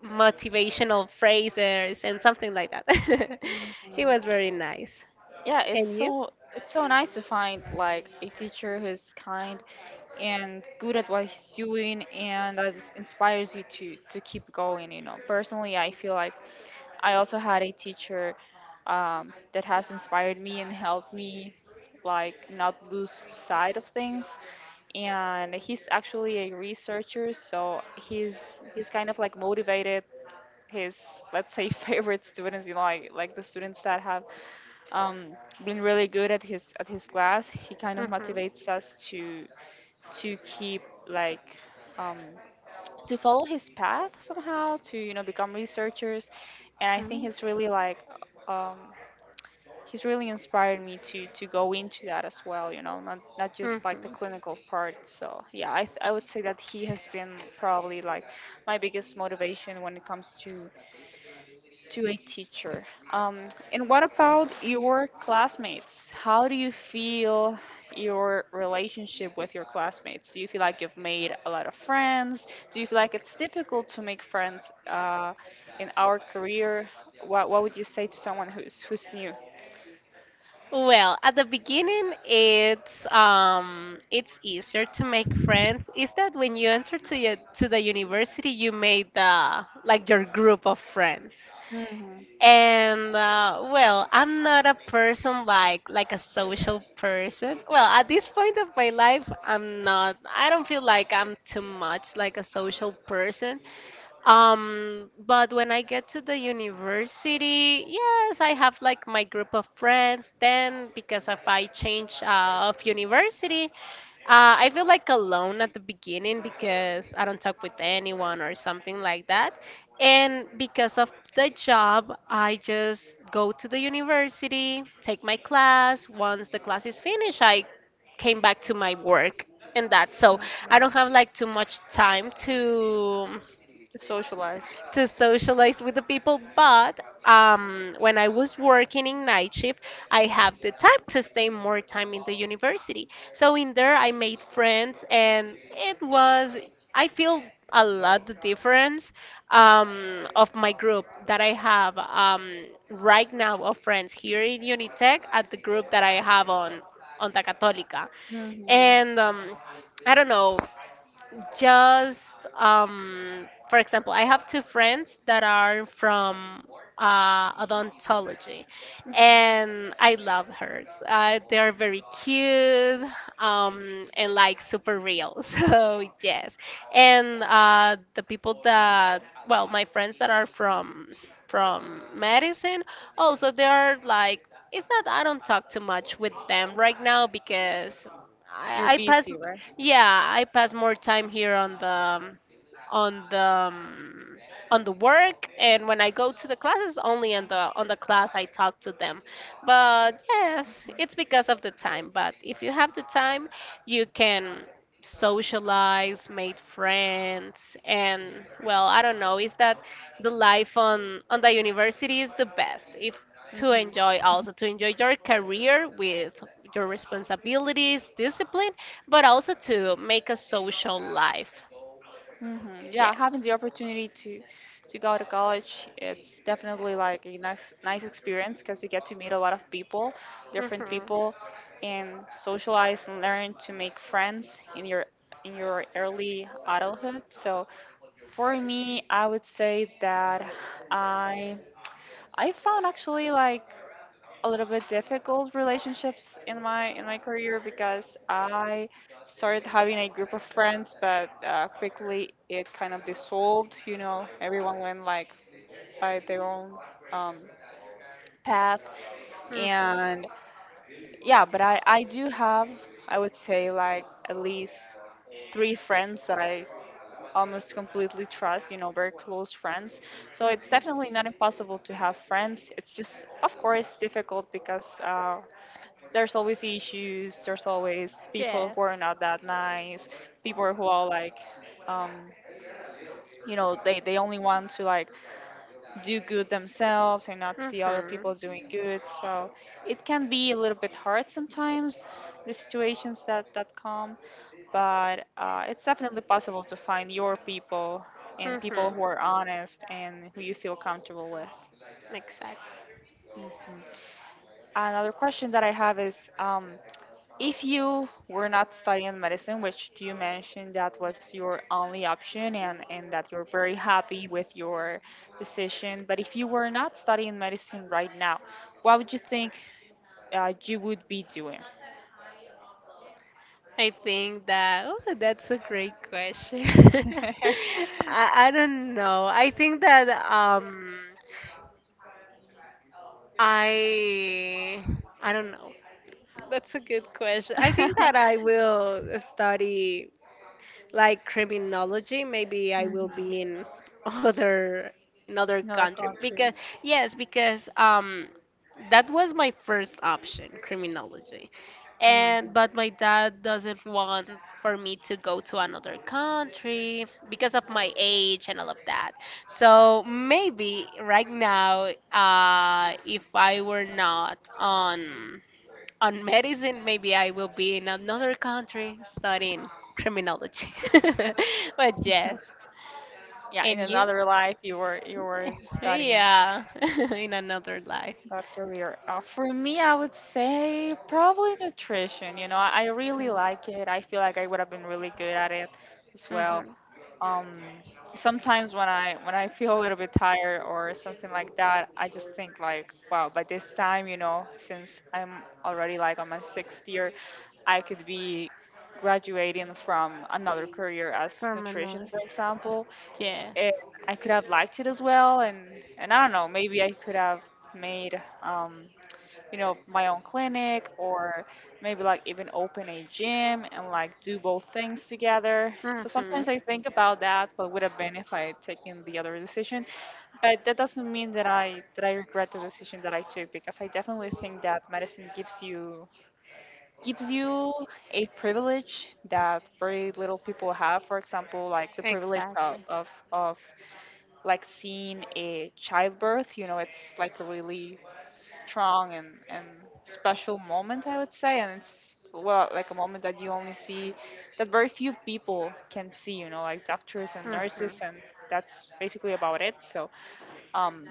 motivational phrases and something like that. Mm-hmm. [laughs] he was very nice. Yeah, it's And you? so it's so nice to find like a teacher who's kind and good at what he's doing and that is- inspires you to to keep going, you know. Personally, I feel like I also had a teacher um, that has inspired me and helped me like not lose sight of things, and he's actually a researcher, so he's he's kind of like motivated his, let's say [laughs] favorite students, you know, like like the students that have um, been really good at his at his class. He kind of Hmm motivates us to to keep like um, to follow his path somehow to, you know, become researchers, and I think he's really like um, he's really inspired me to to go into that as well. You know, not not just like the Mhm. clinical part. So yeah, I th- I would say that he has been probably like my biggest motivation when it comes to to a teacher. Um, and what about your classmates? How do you feel your relationship with your classmates? Do you feel like you've made a lot of friends? Do you feel like it's difficult to make friends uh, in our career? What, what would you say to someone who's who's new. Well, at the beginning, it's um, it's easier to make friends. Is that when you enter to your, to the university, you made the like your group of friends? Mm-hmm. And uh, well, I'm not a person like like a social person. Well, at this point of my life, I'm not. I don't feel like I'm too much like a social person. Um, but when I get to the university, yes, I have like my group of friends. Then because if I change uh, of university, uh, I feel like alone at the beginning because I don't talk with anyone or something like that. And because of the job, I just go to the university, take my class. Once the class is finished, I came back to my work and that. So I Mm-hmm. don't have like too much time to To socialize? to socialize with the people. But um, when I was working in night shift, I have the time to stay more time in the university. So in there, I made friends, and it was I feel a lot the difference um, of my group that I have um, right now of friends here in Unitec at the group that I have on on Onda Católica. Mm-hmm. And um, I don't know, just, um, for example, I have two friends that are from uh, odontology, and I love hers. Uh, they are very cute, um, and like super real. [laughs] So yes, and uh, the people that, well, my friends that are from from medicine, also they are like. It's not, I don't talk too much with them right now because You're I, I pass, busy, right? yeah, I pass more time here on the um, on the um, on the work and when I go to the classes only on the on the class I talk to them. But yes, it's because of the time. But if you have the time, you can socialize, make friends and well, I don't know, is that the life on on the university is the best. If to Hmm. enjoy also to enjoy your career with your responsibilities, discipline, but also to make a social life. Hmm. Yeah, having Yes. the opportunity to to go to college, it's definitely like a nice nice experience because you get to meet a lot of people, different Mhm. people, and socialize and learn to make friends in your in your early adulthood. So for me, I would say that I I found actually like a little bit difficult relationships in my in my career because I started having a group of friends, but uh, quickly it kind of dissolved. You know, everyone went like by their own um, path, Mhm. and yeah. But I I do have, I would say, like at least three friends that I almost completely trust, you know, very close friends. So it's Mhm. definitely not impossible to have friends. It's just, of course, difficult because uh, there's always issues there's always people who Yes. are not that nice, people who are like, um, you know, they, they only want to like do good themselves and not see other Mhm. people doing good, so it can be a little bit hard sometimes, the situations that that come, but uh, it's definitely possible to find your people and people Mhm. who are honest and who you feel comfortable with. Exactly. Mhm. Another question that I have is, um, if you were not studying medicine, which you mentioned that was your only option, and, and that you're very happy with your decision, but if you were not studying medicine right now, what would you think uh, you would be doing? [laughs] I think that oh, that's a great question. [laughs] I, I don't know. I think that um I I don't know. That's a good question. I think that I will study like criminology, maybe I Hmm. will be in other another Another country because country. yes, because um that was my first option, criminology. Hmm. And but my dad doesn't want for me to go to another country because of my age and all of that. So maybe right now, uh, if I were not on on medicine, maybe I will be in another country studying criminology. [laughs] but yes, [laughs] Yeah, in and you? another life, you were you were [laughs] studying. yeah, [laughs] in another life. That career. Uh, for me, I would say probably nutrition. You know, I, I really like it. I feel like I would have been really good at it as well. Mm-hmm. Um, Sometimes when I when I feel a little bit tired or something like that, I just think like, wow, by this time, you know, since I'm already like on my sixth year, I could be graduating from another career as From nutrition, another. for example, and Yes. I could have liked it as well. And and I don't know, maybe I could have made, um, you know, my own clinic, or maybe like even open a gym and like do both things together. So Mm-hmm. sometimes I think about that, what would have been if I had taken the other decision. But that doesn't mean that I that I regret the decision that I took, because I definitely think that medicine gives you gives you a privilege that very little people have. For example, like the privilege of Exactly. of, of like seeing a childbirth, you know, it's like a really strong and, and special moment, I would say. And it's, well, like a moment that you only see, that very few people can see, you know, like doctors and Mm-hmm. nurses, and that's basically about it. So, um,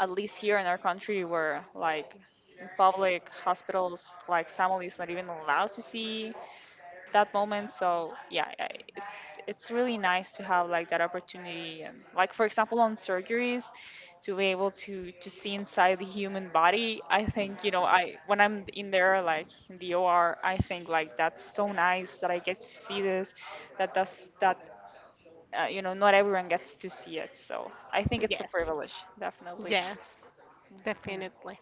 at least here in our country, we're like in public hospitals, like families not even allowed to see that moment. So yeah, I- it's it's really nice to have like that opportunity, and like for example on surgeries, to be able to to see inside the human body. I think, you know, I when I'm in there like in the O R, I think like that's so nice that I get to see this. That does that. Uh, you know, not everyone gets to see it, so I think it's a Yes. privilege, definitely. Yes. Hmm. Definitely.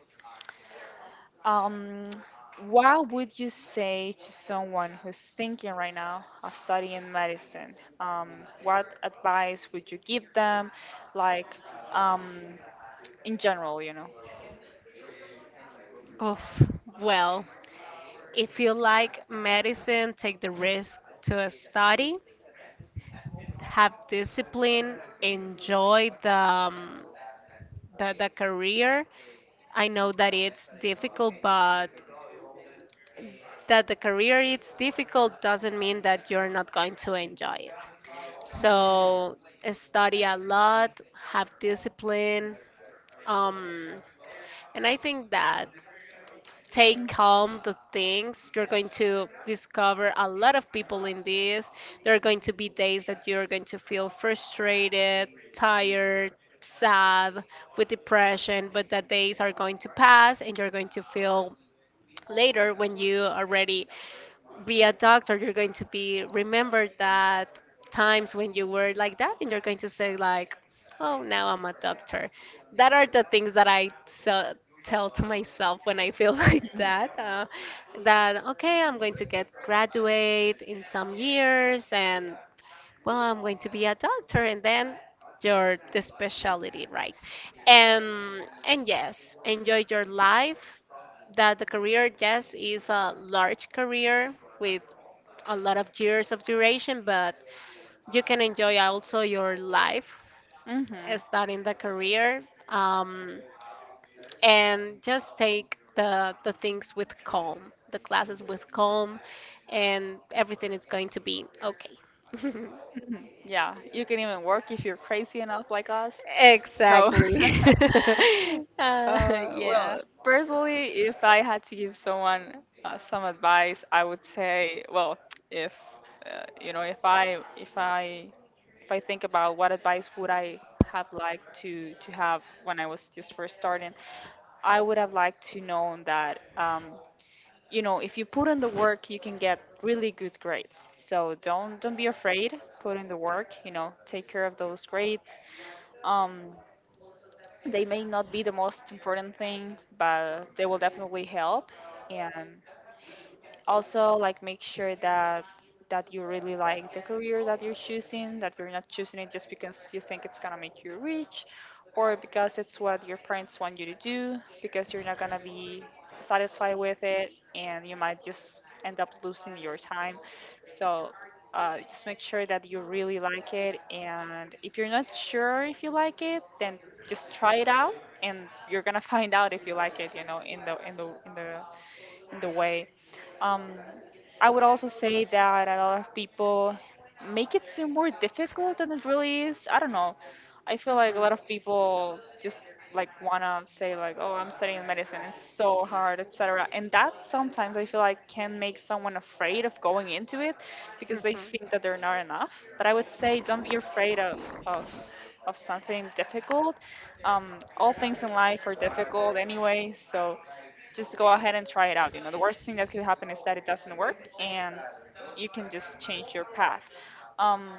Um, what would you say to someone who's thinking right now of studying medicine? Um, what advice would you give them, like, um, in general, you know? Oof. Well, if you like medicine, take the risk to study. Have discipline, enjoy the, um, the the career. I know that it's difficult, but that the career it's difficult doesn't mean that you're not going to enjoy it. So study a lot, have discipline, um, and I think that Hmm. take calm the things. You're going to discover a lot of people in this. There are going to be days that you're going to feel frustrated, tired, sad, with depression, but that days are going to pass and you're going to feel later when you are ready be a doctor, you're going to be remembered that times when you were like that, and you're going to say like, "Oh, now I'm a doctor." That are the things that I so, tell to myself when I feel [laughs] like that. Uh, that okay, I'm going to get graduate in some years, and well, I'm going to be a doctor, and then your the specialty, right? And and yes, enjoy your life. That the career, yes, is a large career with a lot of years of duration, but you can enjoy also your life uh, Hmm. starting the career um, and just take the, the things with calm, the classes with calm, and everything is going to be okay. [laughs] Yeah, you can even work if you're crazy enough like us. So, Exactly. [laughs] [laughs] uh, uh, yeah. well, personally, if I had to give someone uh, some advice, I would say, well, [tsk] if uh, you know, if I if I if I think about what advice would I have liked to to have when I was just first starting, I would have liked to known that. Um, you know, if you put in the work you can get really good grades, so don't don't be afraid, put in the work, you know, take care of those grades. um, they may not be the most important thing, but they will definitely help. And also like make sure that that you really like the career that you're choosing, that you're not choosing it just because you think it's going to make you rich, or because it's what your parents want you to do, because you're not going to be satisfied with it and you might just end up losing your time. So uh, just make sure that you really like it, and if you're not sure if you like it, then just try it out, and you're gonna [laughs] find out if you like it, you know, in the in the in the in the way. Um, I would also say that a lot of people make it seem more difficult than it really is. I don't know. I feel like a lot Mhm. of people just like wanna say like, "Oh, I'm studying medicine. It's so hard, et cetera" And that sometimes I feel like can make someone afraid of going into it because they Mhm. think that they're not enough. But I would say don't be afraid of of of something difficult. Um, all things in life are difficult anyway, so just go ahead and try it out. You know, the worst thing that could happen is that it doesn't work and you can just change your path. Um,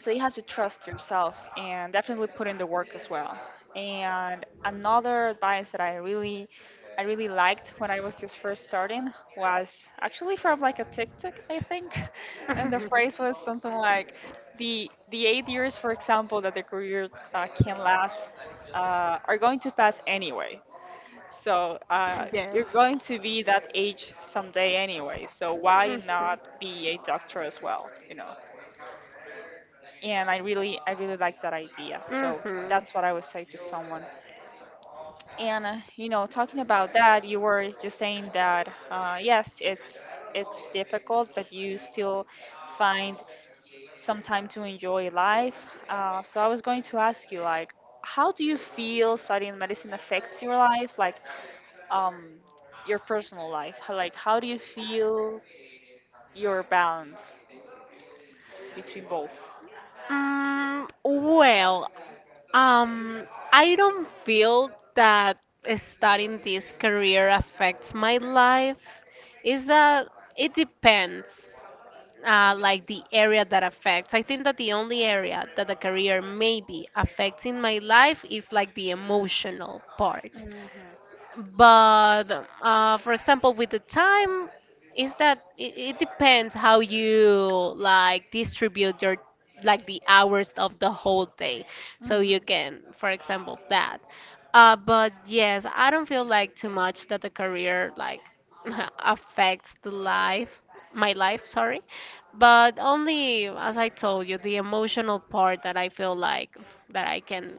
so you have to trust yourself and definitely put in the work as well. And another advice that I really I really liked when I was just first starting was actually from like a TikTok, I think. [laughs] And the phrase [laughs] was something like, the the eight years, for example, that the career uh, can last uh, are going to pass anyway. So uh, you're yes. going to be that age someday anyway. So why Mhm. not be a doctor as well? You know. And I really, I really like that idea. So Mhm. that's what I would say to someone. And uh, you know, talking about that, you were just saying that uh, yes, it's it's difficult, but you still find some time to enjoy life. Uh, so I was going to ask you, like, how do you feel studying medicine affects your life? Like, um your personal life? How, like how do you feel your balance between both? Mm, well, um, I don't feel that starting this career affects my life. Is that it depends, uh, like the area that affects. I think that the only area that the career maybe affects in my life is like the emotional part. Mm-hmm. But uh, for example with the time is that it, it depends how you like distribute your like the hours of the whole day so you Mm-hmm. can for example that uh, but yes I don't feel like too much that the career like [laughs] affects the life my life sorry but only as I told you the emotional part that I feel like that I can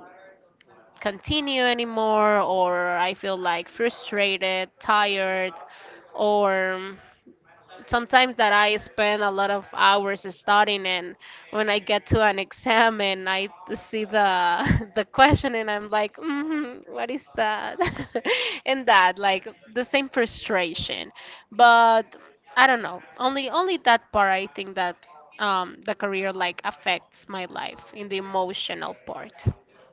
continue anymore, or I feel like frustrated, tired, or sometimes that I spend a lot of hours studying, and when I get to an exam and I see the [laughs] the question, and I'm like, mm, what is that? [laughs] and that, like the same frustration, but I don't know. Only only that part, I think that. Um, the career like affects my life in the emotional part.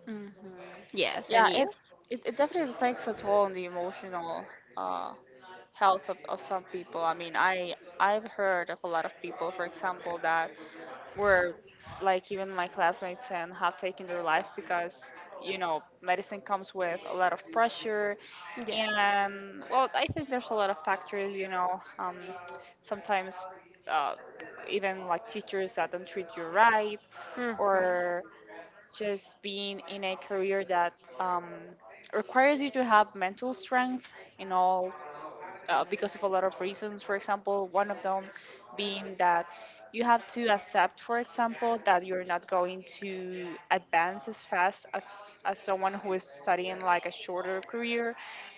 Mm-hmm. Yes, Yeah, and you? it's it, it definitely takes a toll on the emotional uh, health of, of some people. I mean, I I've heard of a lot of people, for example, that where like even my classmates and have taken their life because, you know, medicine comes with a lot of pressure, Yes. and well, I think there's a lot of factors, you know. Um, sometimes uh, even like teachers that don't treat you right, Mm-hmm. or just being in a career that, um, requires you to have mental strength in all, uh, because of a lot of reasons. For example, one of them being that you have to accept, for example, that you're not going to advance as fast as, as someone who is studying like a shorter career.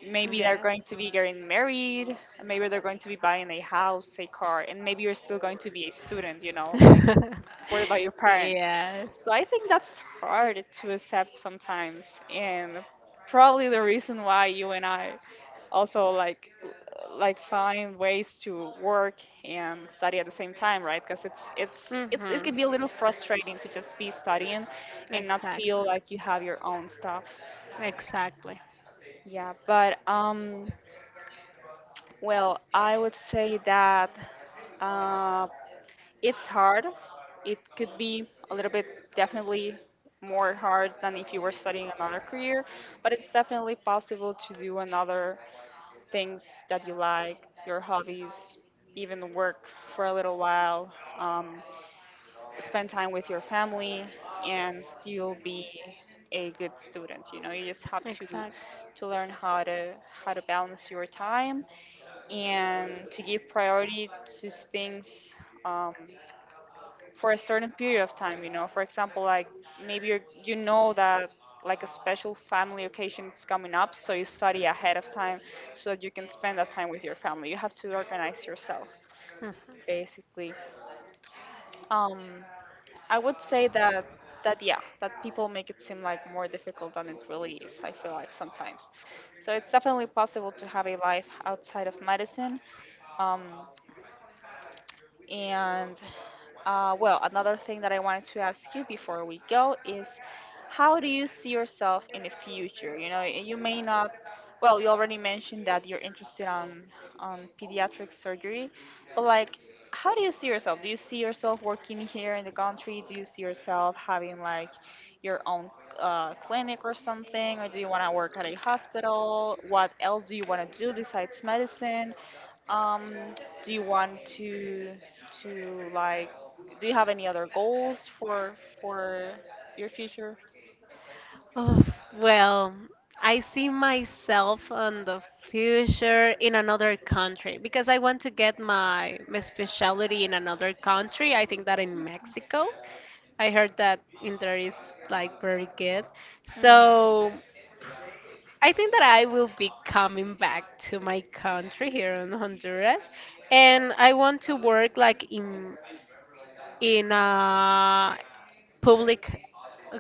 Maybe they're going Yes. to be getting married, and maybe they're going to be buying a house, a car, and maybe you're still going to be a student, you know, like [laughs] supported by your parents. Yes. So I think that's hard to accept sometimes, and probably the reason why you and I also like like find ways to work and study at the same time, right? Because it's it's it's it Mm-hmm. can be a little frustrating to just be studying and not Exactly. feel like you have your own stuff. Exactly. Yeah, but um, well, I would say that. uh, It's hard. It could be a little bit, definitely, more hard than if you were studying another career, but it's definitely possible to do another things that you like, your hobbies, even work for a little while, um, spend time with your family, and still be a good student. You know, you just have to Exactly. to learn how to how to balance your time and to give priority to things. Um, for a certain period of time, you know, for example, like maybe you, you know that like a special family occasion is coming up, so you study ahead of time so that you can spend that time with your family, you have to organize yourself Mhm. basically. um, I would say that that yeah, that people make it seem like more difficult than it really is, I feel like sometimes, so it's definitely possible to have a life outside of medicine. um, And uh, well, another thing that I wanted to ask you before we go is, how do you see yourself in the future? You know, you may not, well, you already mentioned that you're interested on on pediatric surgery, but like how do you see yourself? Do you see yourself working here in the country? Do you see yourself having like your own uh, clinic or something? Or do you want to work at a hospital? What else do you want to do besides medicine? Um, do you want to to like, do you have any other goals for for your future? Oh, well, I see myself in the future in another country because I want to get my, my specialty in another country. I think that in Mexico. I heard that in there is like very good. Mhm. So I think that I will be coming back to my country here in Honduras, and I want to work like in in a public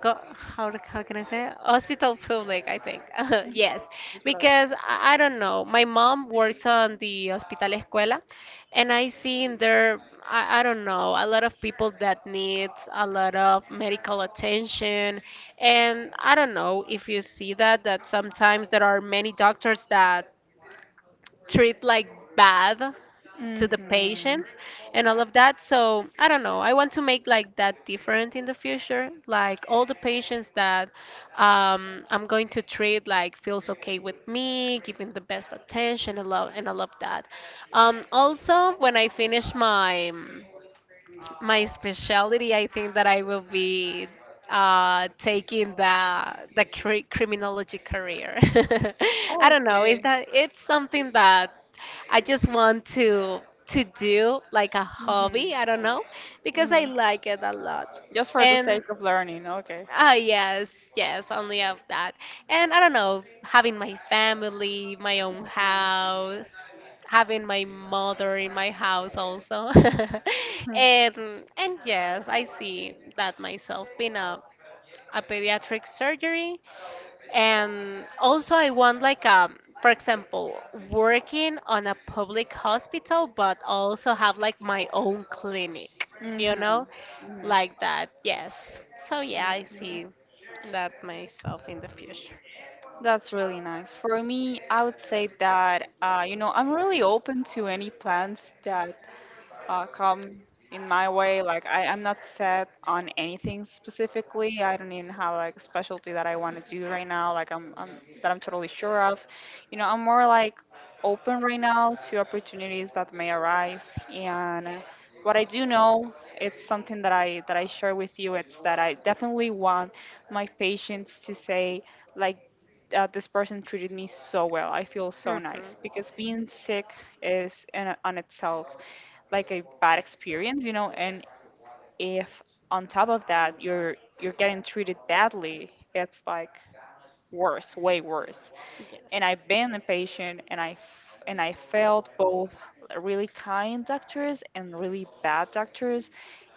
go, how, do- how can I say it? Hospital public I think [laughs] Mhm. yes That's what I. because I, I don't know my mom works on the hospital escuela and I see there I, I don't know a lot of people that needs a lot of medical attention and I don't know if you see that that sometimes there are many doctors that treat like bad to the Mhm. patients and all of that. So I don't know. I want to make like that different in the future. Like all the patients that um, I'm going to treat like feels okay with me, giving the best attention and love and all of that. Um, also, when I finish my um, my specialty, I think that I will be uh, taking the the cri- criminology career. [laughs] I don't know. Is Okay. that it's something that I just want to to do like a Mhm. hobby. I don't know because I Mhm. like it a lot, Just for the and sake of learning. Okay. Ah, yes, yes, only of that. And I don't know, having my family, my own Mhm. house, having my mother in my house also. [laughs] Mhm. and and yes, I see that myself being a, a pediatric surgery and also, I want like um, for example, working on a public hospital, but also have like my own clinic, you know, Mhm. like that. Yes. So yeah, I Mhm. see that myself in the future. That's really nice. For me, I would say that uh, you know, I'm really open to any plans that uh, come in my way. Like I, I'm not set on anything specifically. I don't even have like a specialty that I want to do right now. Like I'm, I'm that I'm totally sure of. You know, I'm more like open right now to opportunities that may arise. And what I do know, it's something that I that I share with you. It's that I definitely want my patients to say like. Uh, this person treated me so well. I feel so nice Mm-hmm. because being sick is in, on itself like a bad experience, you know, and if on top of that you're you're getting treated badly, it's like worse, way worse. And Yes. I've been a patient, and I f- and I felt both really kind doctors and really bad doctors.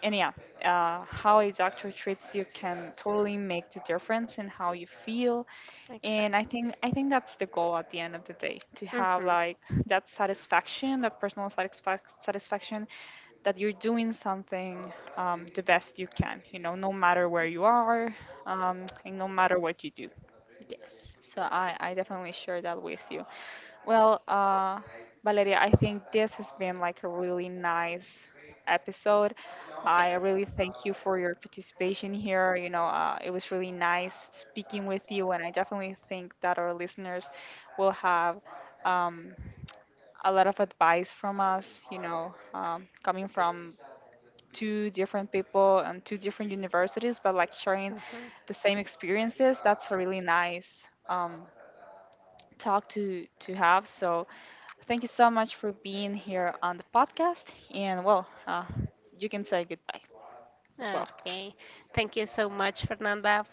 And yeah, uh, how a doctor treats you can totally make the difference in how you feel. And I Exactly. think I think that's the goal at the end of the day, to have Mm-hmm. like that satisfaction, that personal satisfac- satisfaction that you're doing something, um, the best you can, you know, no matter where you are, um, and no matter what you do. Yes. So I, I definitely share that with you. Well, uh, Valeria, I think this has been like a really nice episode. I Yes. really thank you for your participation here. You know, uh, it was really nice speaking with you, and I definitely think that our listeners will have, um, a lot of advice from us, you know, um, coming from two different people and two different universities, but like sharing Mm-hmm. the same experiences. That's a really nice. Um, talk to to have. So thank you so much for being here on the podcast. And well, uh, you can say goodbye as well. Okay. Thank you so much, Fernanda,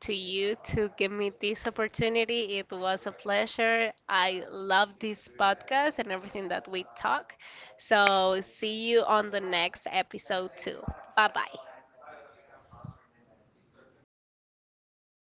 to you to give me this opportunity. It was a pleasure. I love this podcast and everything that we talk. So, see you on the next episode, too. Bye bye.